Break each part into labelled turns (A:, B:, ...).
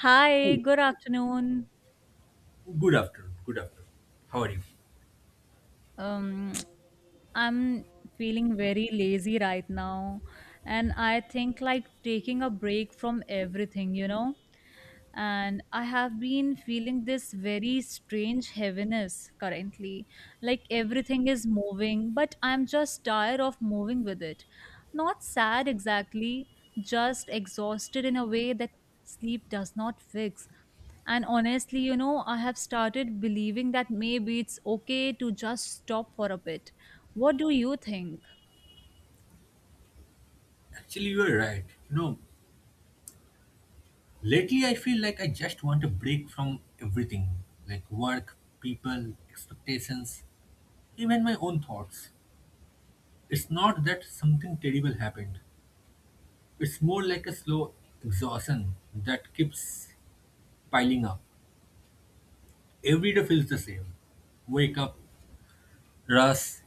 A: Hi,
B: Oh,
A: good afternoon.
B: good afternoon. Good afternoon. How are you?
A: Um, I'm feeling very lazy right now, and I think like taking a break from everything, and I have been feeling this very strange heaviness currently. Like everything is moving, but I'm just tired of moving with it. Not sad exactly, just exhausted in a way that sleep does not fix. And honestly, I have started believing that maybe it's okay to just stop for a bit. What do you think?
B: Actually, you are right. You know, lately I feel like I just want a break from everything like work, people, expectations, even my own thoughts. It's not that something terrible happened, it's more like a slow exhaustion that keeps piling up. Every day feels the same. Wake up, rush,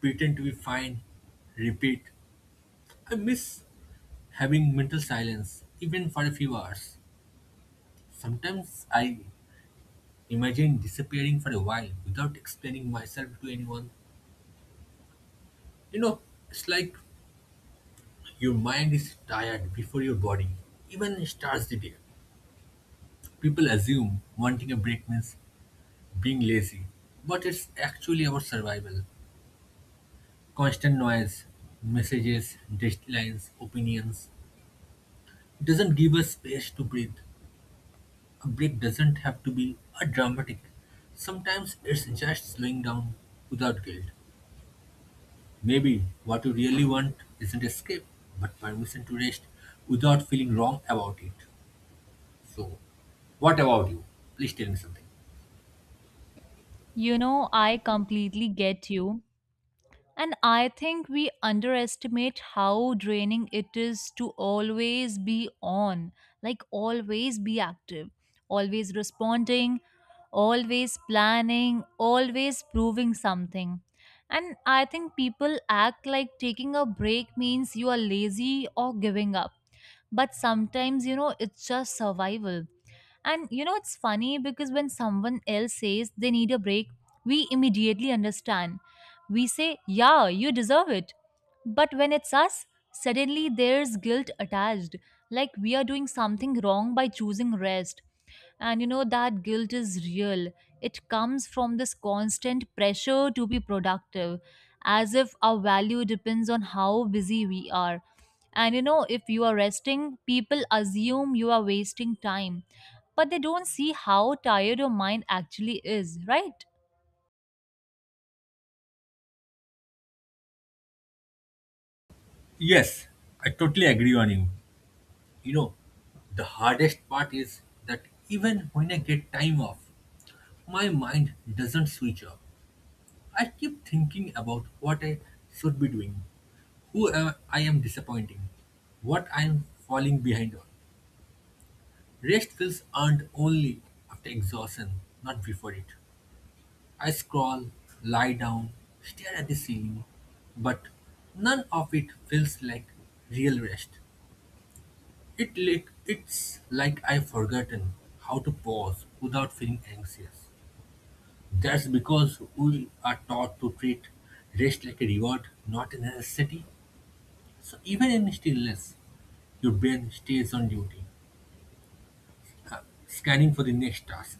B: pretend to be fine, repeat. I miss having mental silence, even for a few hours. Sometimes I imagine disappearing for a while without explaining myself to anyone. You know, it's like your mind is tired before your body even starts the day. People assume wanting a break means being lazy, but it's actually about survival. Constant noise, messages, deadlines, opinions doesn't give us space to breathe. A break doesn't have to be a dramatic. Sometimes it's just slowing down without guilt. Maybe what you really want isn't escape, but permission to rest without feeling wrong about it. So, what about you? Please tell me something.
A: You know, I completely get you. And I think we underestimate how draining it is to always be on, like always be active, always responding, always planning, always proving something. And I think people act like taking a break means you are lazy or giving up. But sometimes, it's just survival. And you know, it's funny because when someone else says they need a break, we immediately understand. We say, yeah, you deserve it. But when it's us, suddenly there's guilt attached, like we are doing something wrong by choosing rest. And you know, that guilt is real. It comes from this constant pressure to be productive, as if our value depends on how busy we are. And you know, if you are resting, people assume you are wasting time but they don't see how tired your mind actually is, right?
B: Yes, I totally agree on you. You know, the hardest part is that even when I get time off, my mind doesn't switch off. I keep thinking about what I should be doing, I am disappointing, what I am falling behind on. Rest feels earned only after exhaustion, not before it. I scroll, lie down, stare at the ceiling, but none of it feels like real rest. It's like I've forgotten how to pause without feeling anxious. That's because we are taught to treat rest like a reward, not a necessity. So even in stillness, your brain stays on duty, scanning for the next task.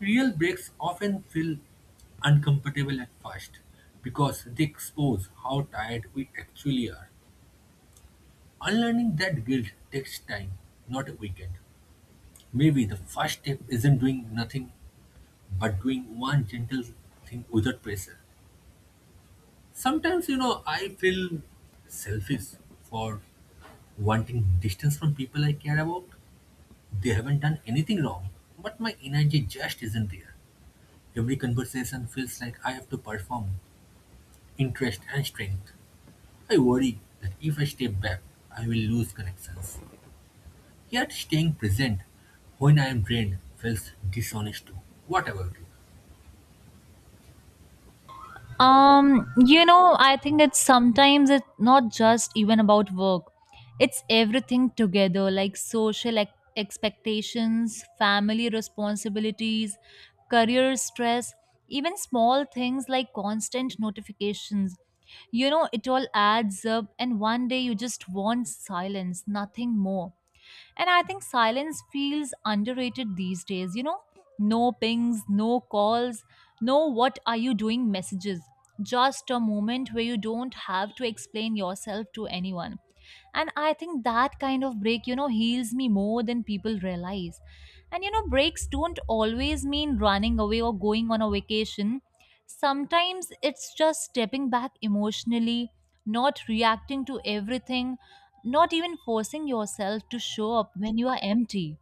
B: Real breaks often feel uncomfortable at first because they expose how tired we actually are. Unlearning that guilt takes time, not a weekend. Maybe the first step isn't doing nothing but doing one gentle thing without pressure. Sometimes, you know, I feel selfish for wanting distance from people I care about. They haven't done anything wrong, but my energy just isn't there. Every conversation feels like I have to perform interest and strength. I worry that if I step back, I will lose connections. Yet staying present when I am drained feels dishonest too. What about you?
A: I think it's sometimes it's not just even about work. It's everything together, like social expectations, family responsibilities, career stress, even small things like constant notifications. You know, it all adds up, and one day you just want silence, nothing more. And I think silence feels underrated these days. You know, no pings, no calls, no what are you doing messages. Just a moment where you don't have to explain yourself to anyone. And I think that kind of break, you know, heals me more than people realize. And you know, breaks don't always mean running away or going on a vacation. Sometimes it's just stepping back emotionally, not reacting to everything, not even forcing yourself to show up when you are empty.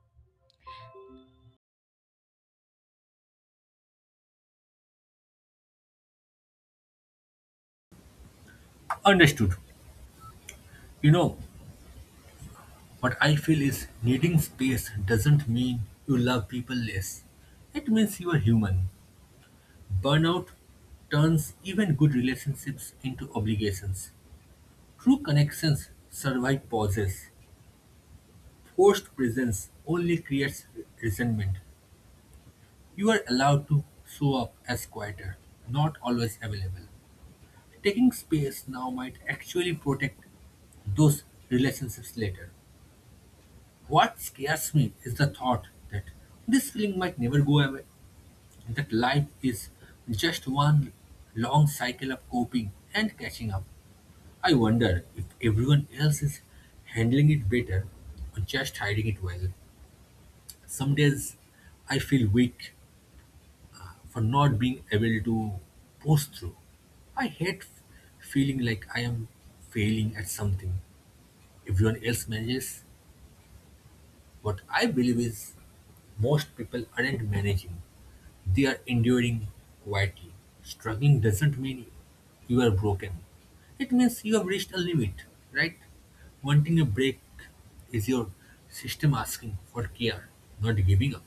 B: Understood. You know, what I feel is needing space doesn't mean you love people less. It means you are human. Burnout turns even good relationships into obligations. True connections survive pauses. Forced presence only creates resentment. You are allowed to show up as quieter, not always available. Taking space now might actually protect those relationships later. What scares me is the thought that this feeling might never go away, that life is just one long cycle of coping and catching up. I wonder if everyone else is handling it better or just hiding it well. Some days I feel weak for not being able to push through. I hate feeling like I am failing at something everyone else manages. What I believe is most people aren't managing, they are enduring quietly. Struggling doesn't mean you are broken, it means you have reached a limit, right? Wanting a break is your system asking for care, not giving up.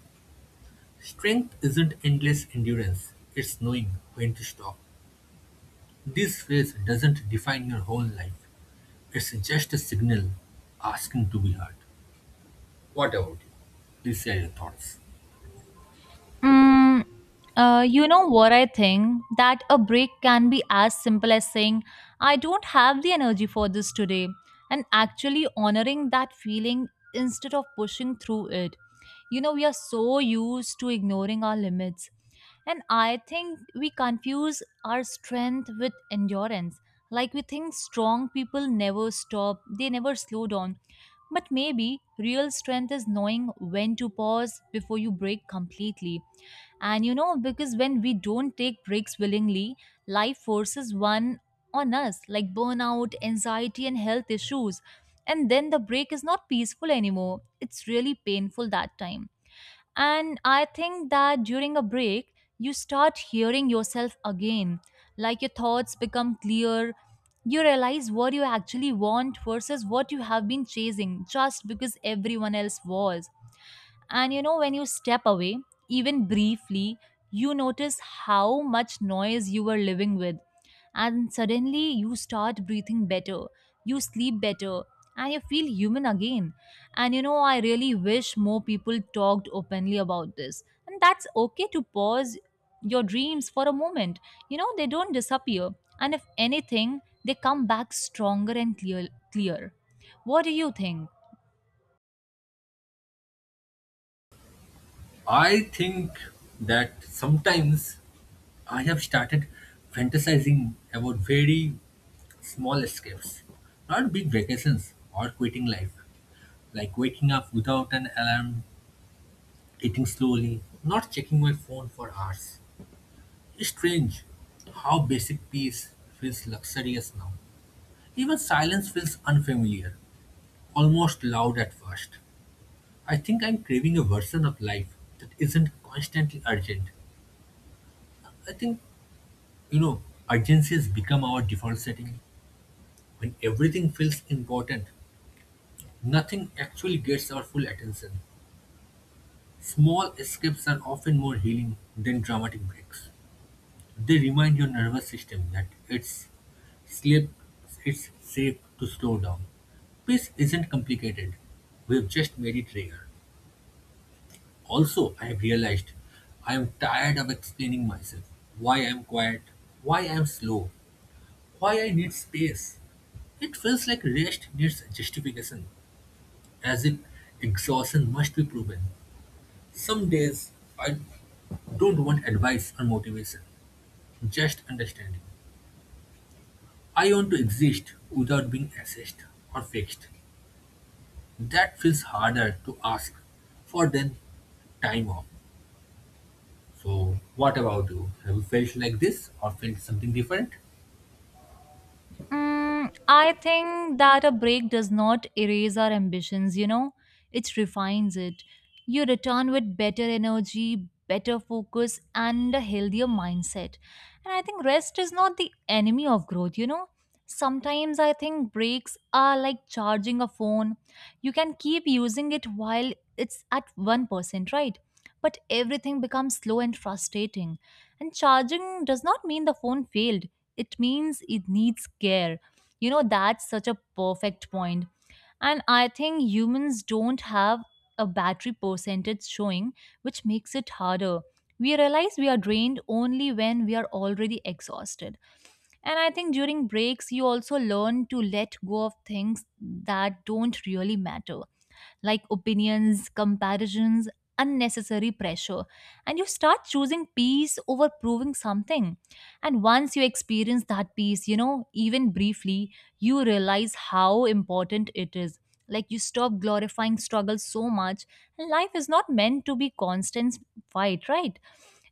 B: Strength isn't endless endurance, it's knowing when to stop. This phase doesn't define your whole life. It's just a signal asking to be heard. What about you? Please share your thoughts.
A: Mm, you know what I think? That a break can be as simple as saying, I don't have the energy for this today, and actually honoring that feeling instead of pushing through it. You know, we are so used to ignoring our limits. And I think we confuse our strength with endurance. Like we think strong people never stop, they never slow down. But maybe real strength is knowing when to pause before you break completely. And you know, because when we don't take breaks willingly, life forces one on us, like burnout, anxiety, and health issues. And then the break is not peaceful anymore. It's really painful that time. And I think that during a break, you start hearing yourself again. Like your thoughts become clear. You realize what you actually want versus what you have been chasing just because everyone else was. And you know, when you step away, even briefly, you notice how much noise you were living with. And suddenly you start breathing better, you sleep better, and you feel human again. And you know, I really wish more people talked openly about this. And that's okay to pause your dreams for a moment. You know, they don't disappear. And if anything, they come back stronger and clear. What do you think?
B: I think that sometimes I have started fantasizing about very small escapes, not big vacations or quitting life, like waking up without an alarm, eating slowly, not checking my phone for hours. It's strange how basic peace feels luxurious now. Even silence feels unfamiliar, almost loud at first. I think I'm craving a version of life that isn't constantly urgent. I think, you know, urgency has become our default setting. When everything feels important, nothing actually gets our full attention. Small escapes are often more healing than dramatic breaks. They remind your nervous system that it's sleep, it's safe to slow down. Peace isn't complicated. We've just made it rare. Also, I have realized I am tired of explaining myself, why I am quiet, why I am slow, why I need space. It feels like rest needs justification, as if exhaustion must be proven. Some days I don't want advice or motivation, just understanding. I want to exist without being assessed or fixed. That feels harder to ask for than time off. So, what about you? Have you felt like this or felt something different?
A: I think that a break does not erase our ambitions, you know, it refines it. You return with better energy, better focus, and a healthier mindset. And I think rest is not the enemy of growth, you know. Sometimes I think breaks are like charging a phone. You can keep using it while it's at 1%, right? But everything becomes slow and frustrating. And charging does not mean the phone failed, it means it needs care. You know, that's such a perfect point. And I think humans don't have a battery percentage showing, which makes it harder. We realize we are drained only when we are already exhausted. And I think during breaks, you also learn to let go of things that don't really matter like opinions, comparisons, unnecessary pressure. And you start choosing peace over proving something. And once you experience that peace, you know, even briefly, you realize how important it is. Like you stop glorifying struggle so much. And life is not meant to be constant fight, right?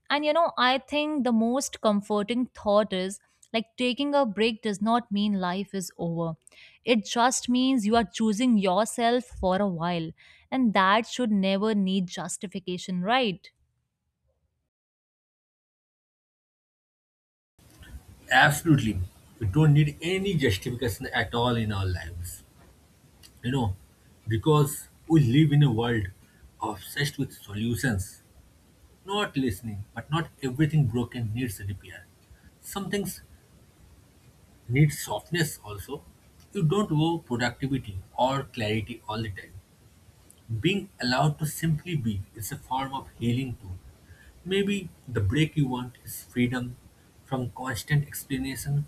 A: And you know, I think the most comforting thought is like taking a break does not mean life is over. It just means you are choosing yourself for a while, and that should never need justification, right?
B: Absolutely. We don't need any justification at all in our lives. You know, because we live in a world obsessed with solutions, not listening, but not everything broken needs repair. Some things need softness also. You don't owe productivity or clarity all the time. Being allowed to simply be is a form of healing too. Maybe the break you want is freedom from constant explanation.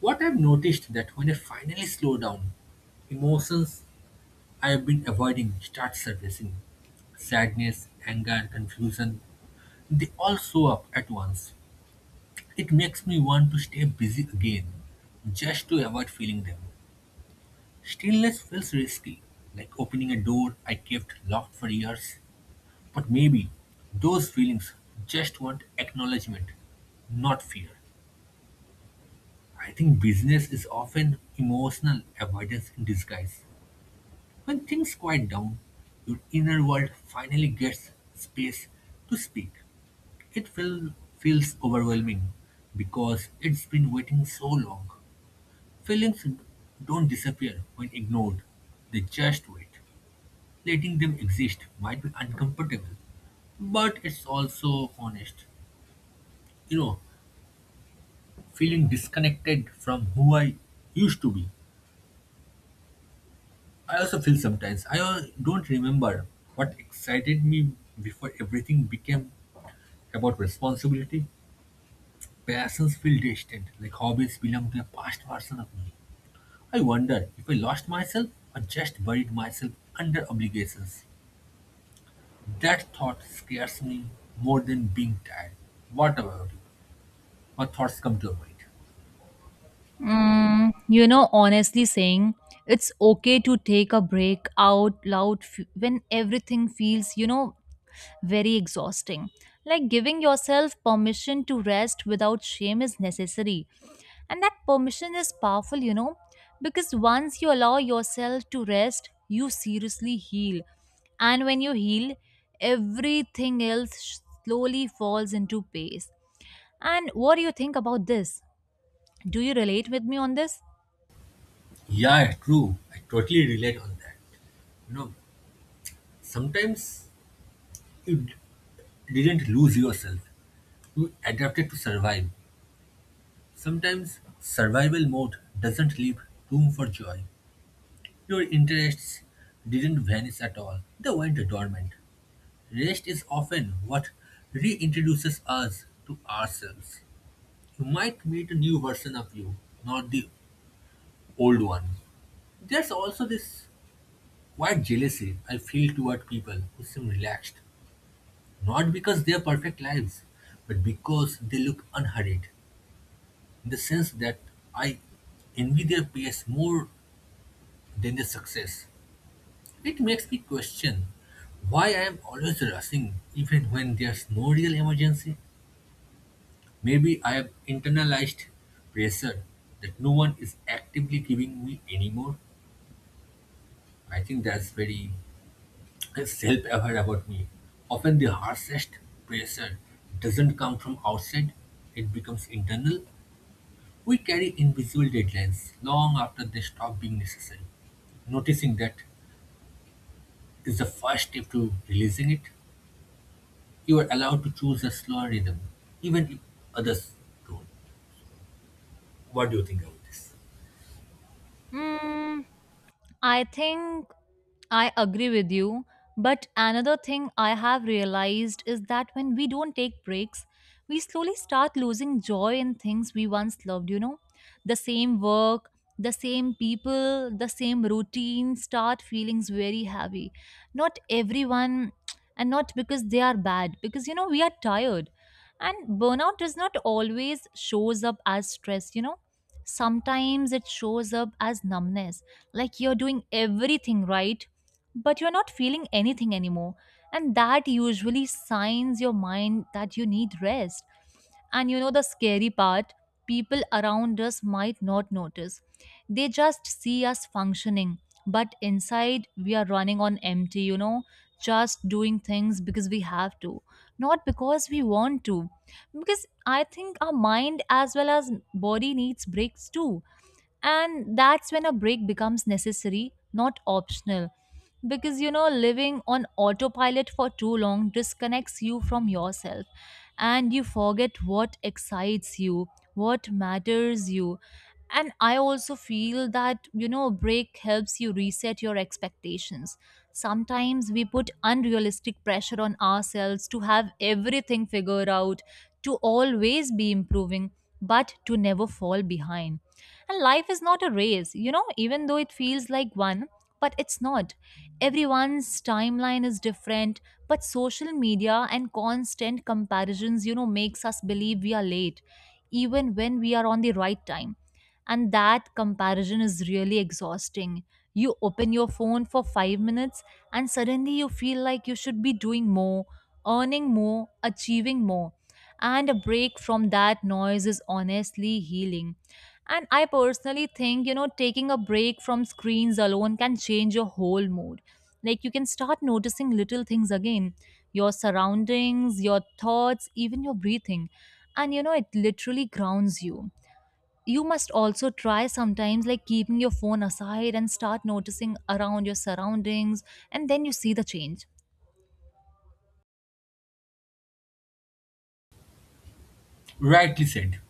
B: What I've noticed that when I finally slow down, emotions I have been avoiding start surfacing. Sadness, anger, confusion, they all show up at once. It makes me want to stay busy again, just to avoid feeling them. Stillness feels risky, like opening a door I kept locked for years. But maybe those feelings just want acknowledgement, not fear. I think business is often emotional avoidance in disguise. When things quiet down, your inner world finally gets space to speak. It feel, feels overwhelming because it's been waiting so long. Feelings don't disappear when ignored, they just wait. Letting them exist might be uncomfortable, but it's also honest. You know, feeling disconnected from who I used to be. I also feel sometimes. Don't remember what excited me before everything became about responsibility. Passions feel distant, like hobbies belong to a past version of me. I wonder if I lost myself or just buried myself under obligations. That thought scares me more than being tired. What about you? What thoughts come to your mind?
A: You know, honestly saying it's okay to take a break out loud when everything feels, you know, very exhausting. Like giving yourself permission to rest without shame is necessary. And that permission is powerful, you know, because once you allow yourself to rest, you seriously heal. And when you heal, everything else slowly falls into place. And what do you think about this? Do you relate with me on this?
B: Yeah, true. I totally relate on that. You know, sometimes you d- didn't lose yourself, you adapted to survive. Sometimes survival mode doesn't leave room for joy. Your interests didn't vanish at all, they went dormant. Rest is often what reintroduces us to ourselves. You might meet a new version of you, not the old one. There's also this quiet jealousy I feel toward people who seem relaxed. Not because they're perfect lives, but because they look unhurried. In the sense that I envy their pace more than their success. It makes me question why I am always rushing even when there's no real emergency. Maybe I have internalized pressure that no one is actively giving me anymore. I think that's very self-aware about me. Often the harshest pressure doesn't come from outside, it becomes internal. We carry invisible deadlines long after they stop being necessary. Noticing that is the first step to releasing it. You are allowed to choose a slower rhythm, even if others don't. What do you think about this?
A: Mm, I think I agree with you. But another thing I have realized is that when we don't take breaks, we slowly start losing joy in things we once loved, you know? The same work, the same people, the same routine start feelings very heavy. Not everyone, and not because they are bad, because, you know, we are tired. And burnout does not always shows up as stress, you know? Sometimes it shows up as numbness, like you're doing everything right but you're not feeling anything anymore. And that usually signs your mind that you need rest. And you know the scary part, people around us might not notice, they just see us functioning, but inside we are running on empty, you know, just doing things because we have to, not because we want to. Because I think our mind as well as body needs breaks too, and that's when a break becomes necessary, not optional. Because you know, living on autopilot for too long disconnects you from yourself, and you forget what excites you, what matters you. And I also feel that you know a break helps you reset your expectations. Sometimes we put unrealistic pressure on ourselves to have everything figured out, to always be improving, but to never fall behind. And life is not a race, you know, even though it feels like one, but it's not. Everyone's timeline is different, but social media and constant comparisons, you know, makes us believe we are late, even when we are on the right time. And that comparison is really exhausting. You open your phone for 5 minutes and suddenly you feel like you should be doing more, earning more, achieving more. And a break from that noise is honestly healing. And I personally think, you know, taking a break from screens alone can change your whole mood. Like you can start noticing little things again, your surroundings, your thoughts, even your breathing. And, you know, it literally grounds you. You must also try sometimes, like keeping your phone aside and start noticing around your surroundings, and then you see the change.
B: Rightly said.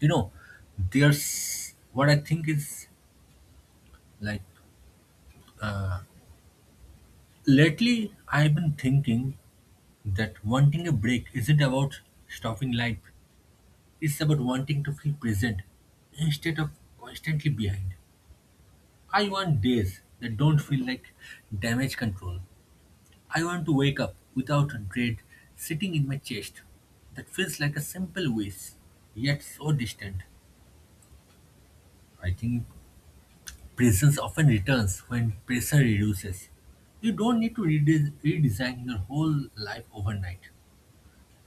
B: You know, there's what I think is like lately I've been thinking that wanting a break isn't about stopping life, it's about wanting to feel present instead of constantly behind. I want days that don't feel like damage control. I want to wake up without dread sitting in my chest. That feels like a simple wish, yet so distant. I think presence often returns when pressure reduces. You don't need to redesign your whole life overnight.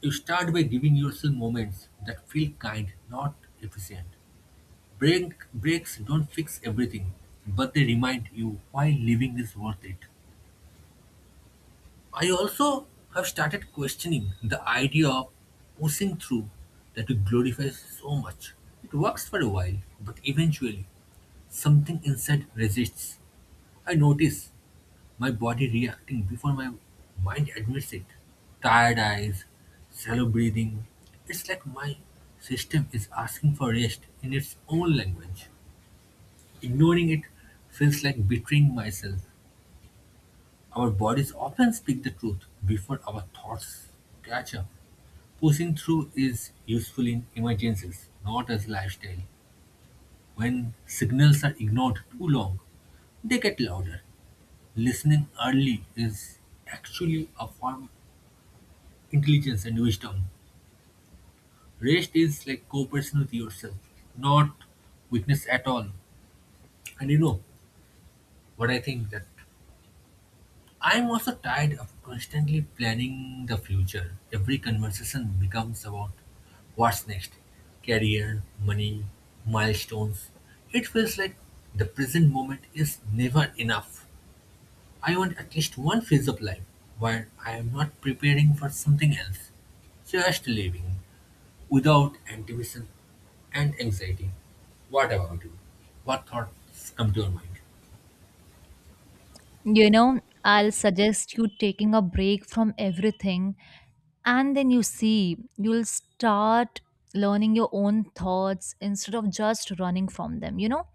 B: You start by giving yourself moments that feel kind, not efficient. Breaks don't fix everything, but they remind you why living is worth it. I also have started questioning the idea of pushing through that we glorify so much. It works for a while, but eventually something inside resists. I notice my body reacting before my mind admits it. Tired eyes, shallow breathing. It's like my system is asking for rest in its own language. Ignoring it feels like betraying myself. Our bodies often speak the truth before our thoughts catch up. Pushing through is useful in emergencies, not as lifestyle. When signals are ignored too long, they get louder. Listening early is actually a form of intelligence and wisdom. Rest is like cooperation with yourself, not weakness at all. And you know what I think that I'm also tired of constantly planning the future. Every conversation becomes about what's next career, money, milestones. It feels like the present moment is never enough. I want at least one phase of life where I am not preparing for something else, just living without anticipation and anxiety. What about you? What thoughts come to your mind?
A: You know, I'll suggest you taking a break from everything and then you see you'll start learning your own thoughts instead of just running from them, you know.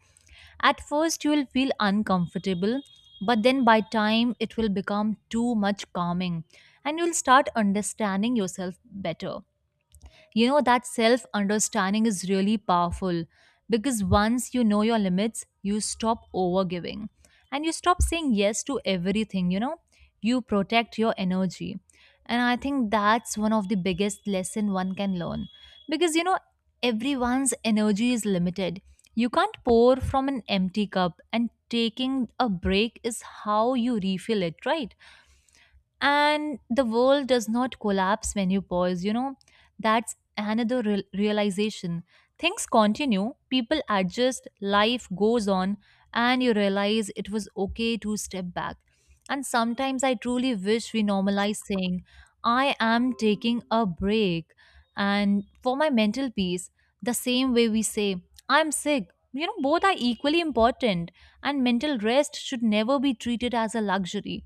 A: At first you will feel uncomfortable, but then by time it will become too much calming, and you'll start understanding yourself better. You know, that self understanding is really powerful because once you know your limits, you stop overgiving and you stop saying yes to everything, you know, you protect your energy. And I think that's one of the biggest lesson one can learn because you know, everyone's energy is limited. You can't pour from an empty cup, and taking a break is how you refill it, right? And the world does not collapse when you pause, you know, that's another realization. Things continue, people adjust, life goes on, and you realize it was okay to step back. And sometimes I truly wish we normalize saying I am taking a break and for my mental peace, the same way we say I'm sick. You know, both are equally important, and mental rest should never be treated as a luxury.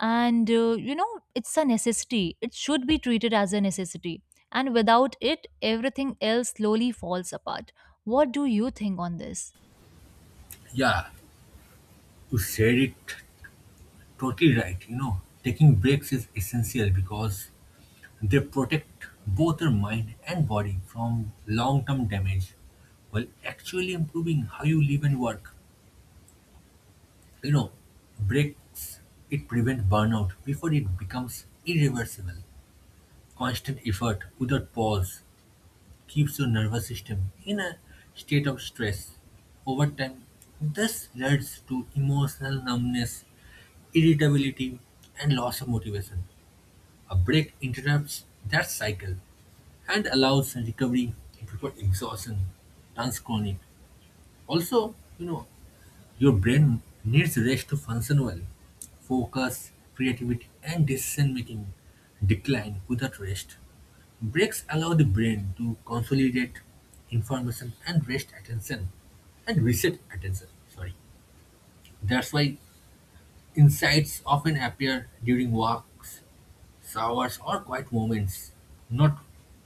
A: And you know, it's a necessity, it should be treated as a necessity. And without it everything else slowly falls apart. What do you think on this?
B: Yeah, you said it. Totally right. You know, taking breaks is essential because they protect both your mind and body from long term damage while actually improving how you live and work. You know, breaks it prevent burnout before it becomes irreversible. Constant effort without pause keeps your nervous system in a state of stress. Over time, this leads to emotional numbness, irritability, and loss of motivation. A break interrupts that cycle and allows recovery before exhaustion turns chronic. Also, you know, your brain needs rest to function well. Focus, creativity, and decision making decline without rest. Breaks allow the brain to consolidate information and rest attention and reset attention. Sorry. That's why insights often appear during walks, showers or quiet moments, not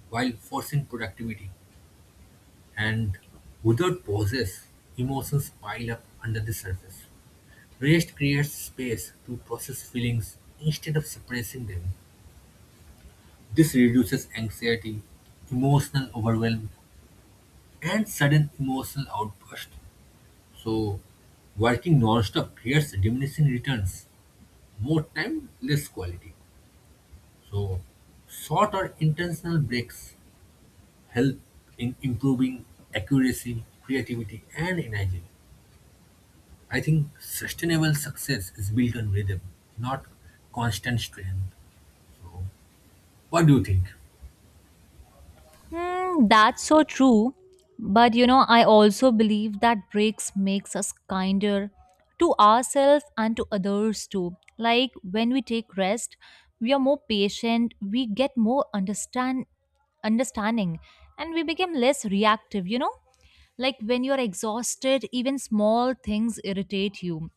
B: while forcing productivity. And without pauses, emotions pile up under the surface. Rest creates space to process feelings instead of suppressing them. This reduces anxiety, emotional overwhelm, and sudden emotional outburst. So, working nonstop creates diminishing returns, more time, less quality. So short or intentional breaks help in improving accuracy, creativity, and energy. I think sustainable success is built on rhythm, not constant strain. So, what do you think?
A: Hmm, that's so true. But you know, I also believe that breaks makes us kinder to ourselves and to others too. Like when we take rest, we are more patient, we get more understanding, and we become less reactive, you know? Like when you're exhausted, even small things irritate you.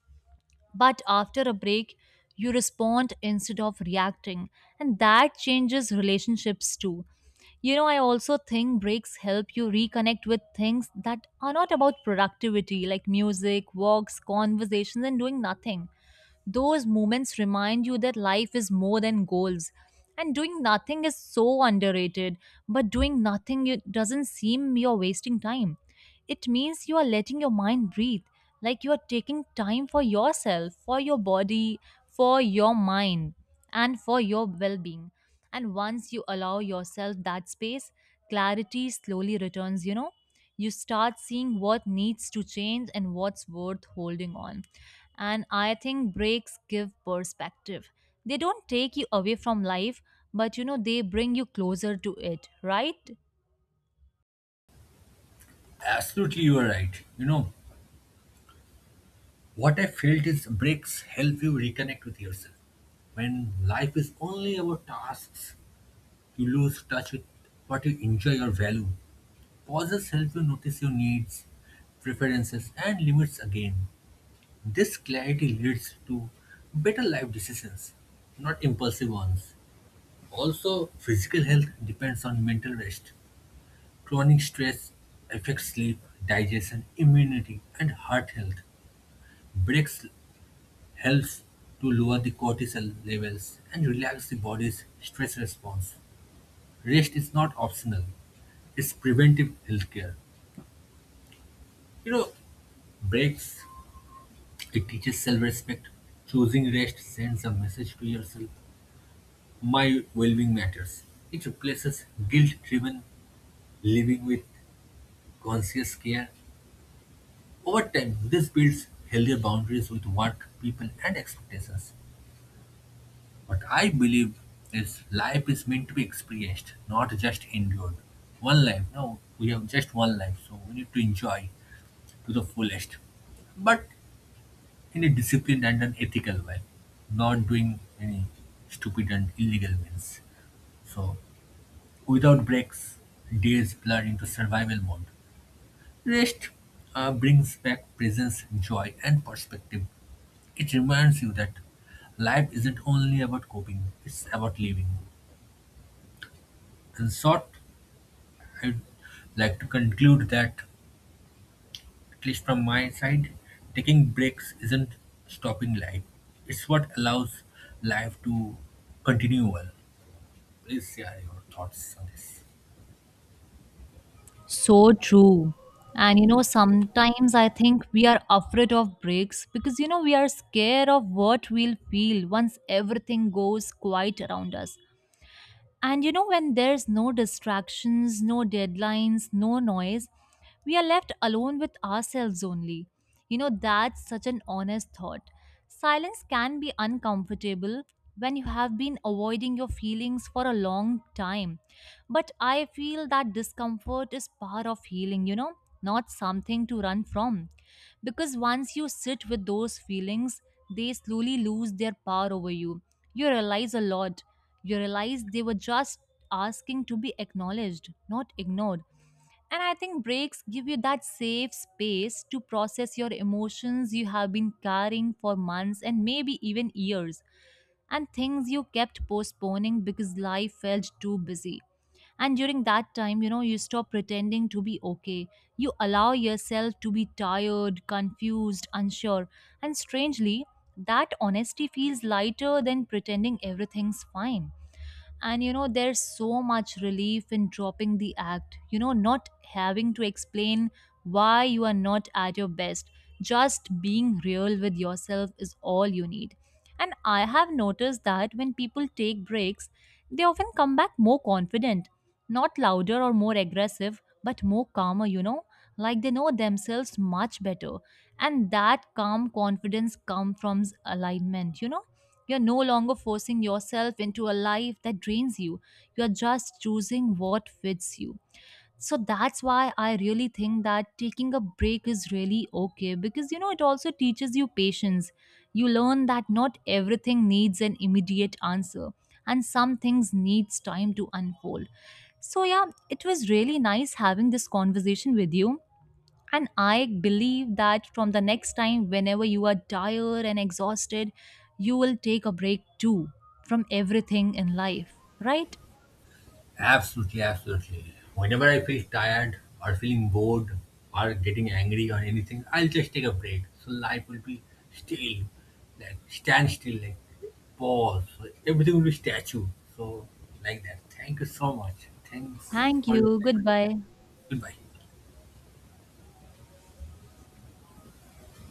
A: But after a break, you respond instead of reacting, and that changes relationships too. You know, I also think breaks help you reconnect with things that are not about productivity, like music, walks, conversations, and doing nothing. Those moments remind you that life is more than goals. And doing nothing is so underrated, but doing nothing it doesn't seem you're wasting time. It means you are letting your mind breathe, like you are taking time for yourself, for your body, for your mind, and for your well being. And once you allow yourself that space, clarity slowly returns, you know, you start seeing what needs to change and what's worth holding on. And I think breaks give perspective. They don't take you away from life, but you know, they bring you closer to it, right?
B: Absolutely, you are right. You know, what I felt is breaks help you reconnect with yourself. When life is only about tasks, you lose touch with what you enjoy or value. Pauses help you notice your needs, preferences, and limits again. This clarity leads to better life decisions, not impulsive ones. Also, physical health depends on mental rest. Chronic stress affects sleep, digestion, immunity, and heart health. Breaks helps to lower the cortisol levels and relax the body's stress response. Rest is not optional, it's preventive healthcare. You know, breaks, it teaches self respect. Choosing rest sends a message to yourself: my well being matters. It replaces guilt driven living with conscious care. Over time, this builds healthier boundaries with work, people, and expectations. What I believe is life is meant to be experienced, not just endured. One life, no, we have just one life, so we need to enjoy to the fullest, but in a disciplined and an ethical way, not doing any stupid and illegal means. So without breaks, days blur into survival mode. Rest brings back presence, joy, and perspective. It reminds you that life isn't only about coping, it's about living. In short, I'd like to conclude that, at least from my side, taking breaks isn't stopping life, it's what allows life to continue well. Please share your thoughts on this.
A: So true. And you know, sometimes I think we are afraid of breaks because you know, we are scared of what we'll feel once everything goes quiet around us. And you know, when there's no distractions, no deadlines, no noise, we are left alone with ourselves only. You know, that's such an honest thought. Silence can be uncomfortable when you have been avoiding your feelings for a long time. But I feel that discomfort is part of healing, you know, not something to run from. Because once you sit with those feelings, they slowly lose their power over you. You realize a lot you realize they were just asking to be acknowledged, not ignored. And I think breaks give you that safe space to process your emotions you have been carrying for months and maybe even years, and things you kept postponing because life felt too busy. And during that time, you know, you stop pretending to be okay. You allow yourself to be tired, confused, unsure. And strangely, that honesty feels lighter than pretending everything's fine. And you know, there's so much relief in dropping the act, you know, not having to explain why you are not at your best. Just being real with yourself is all you need. And I have noticed that when people take breaks, they often come back more confident, not louder or more aggressive, but more calmer, you know, like they know themselves much better. And that calm confidence comes from alignment, you know, you're no longer forcing yourself into a life that drains you. You're just choosing what fits you. So that's why I really think that taking a break is really okay because you know it also teaches you patience. You learn that not everything needs an immediate answer and some things needs time to unfold. So yeah, it was really nice having this conversation with you. And I believe that from the next time, whenever you are tired and exhausted, you will take a break too from everything in life, right?
B: Absolutely, absolutely. Whenever I feel tired or feeling bored or getting angry or anything, I'll just take a break. So life will be still, like stand still, like pause. So everything will be statue. So like that. Thank you so much. Thanks
A: Thank
B: for your
A: you.
B: time.
A: Goodbye.
B: Goodbye.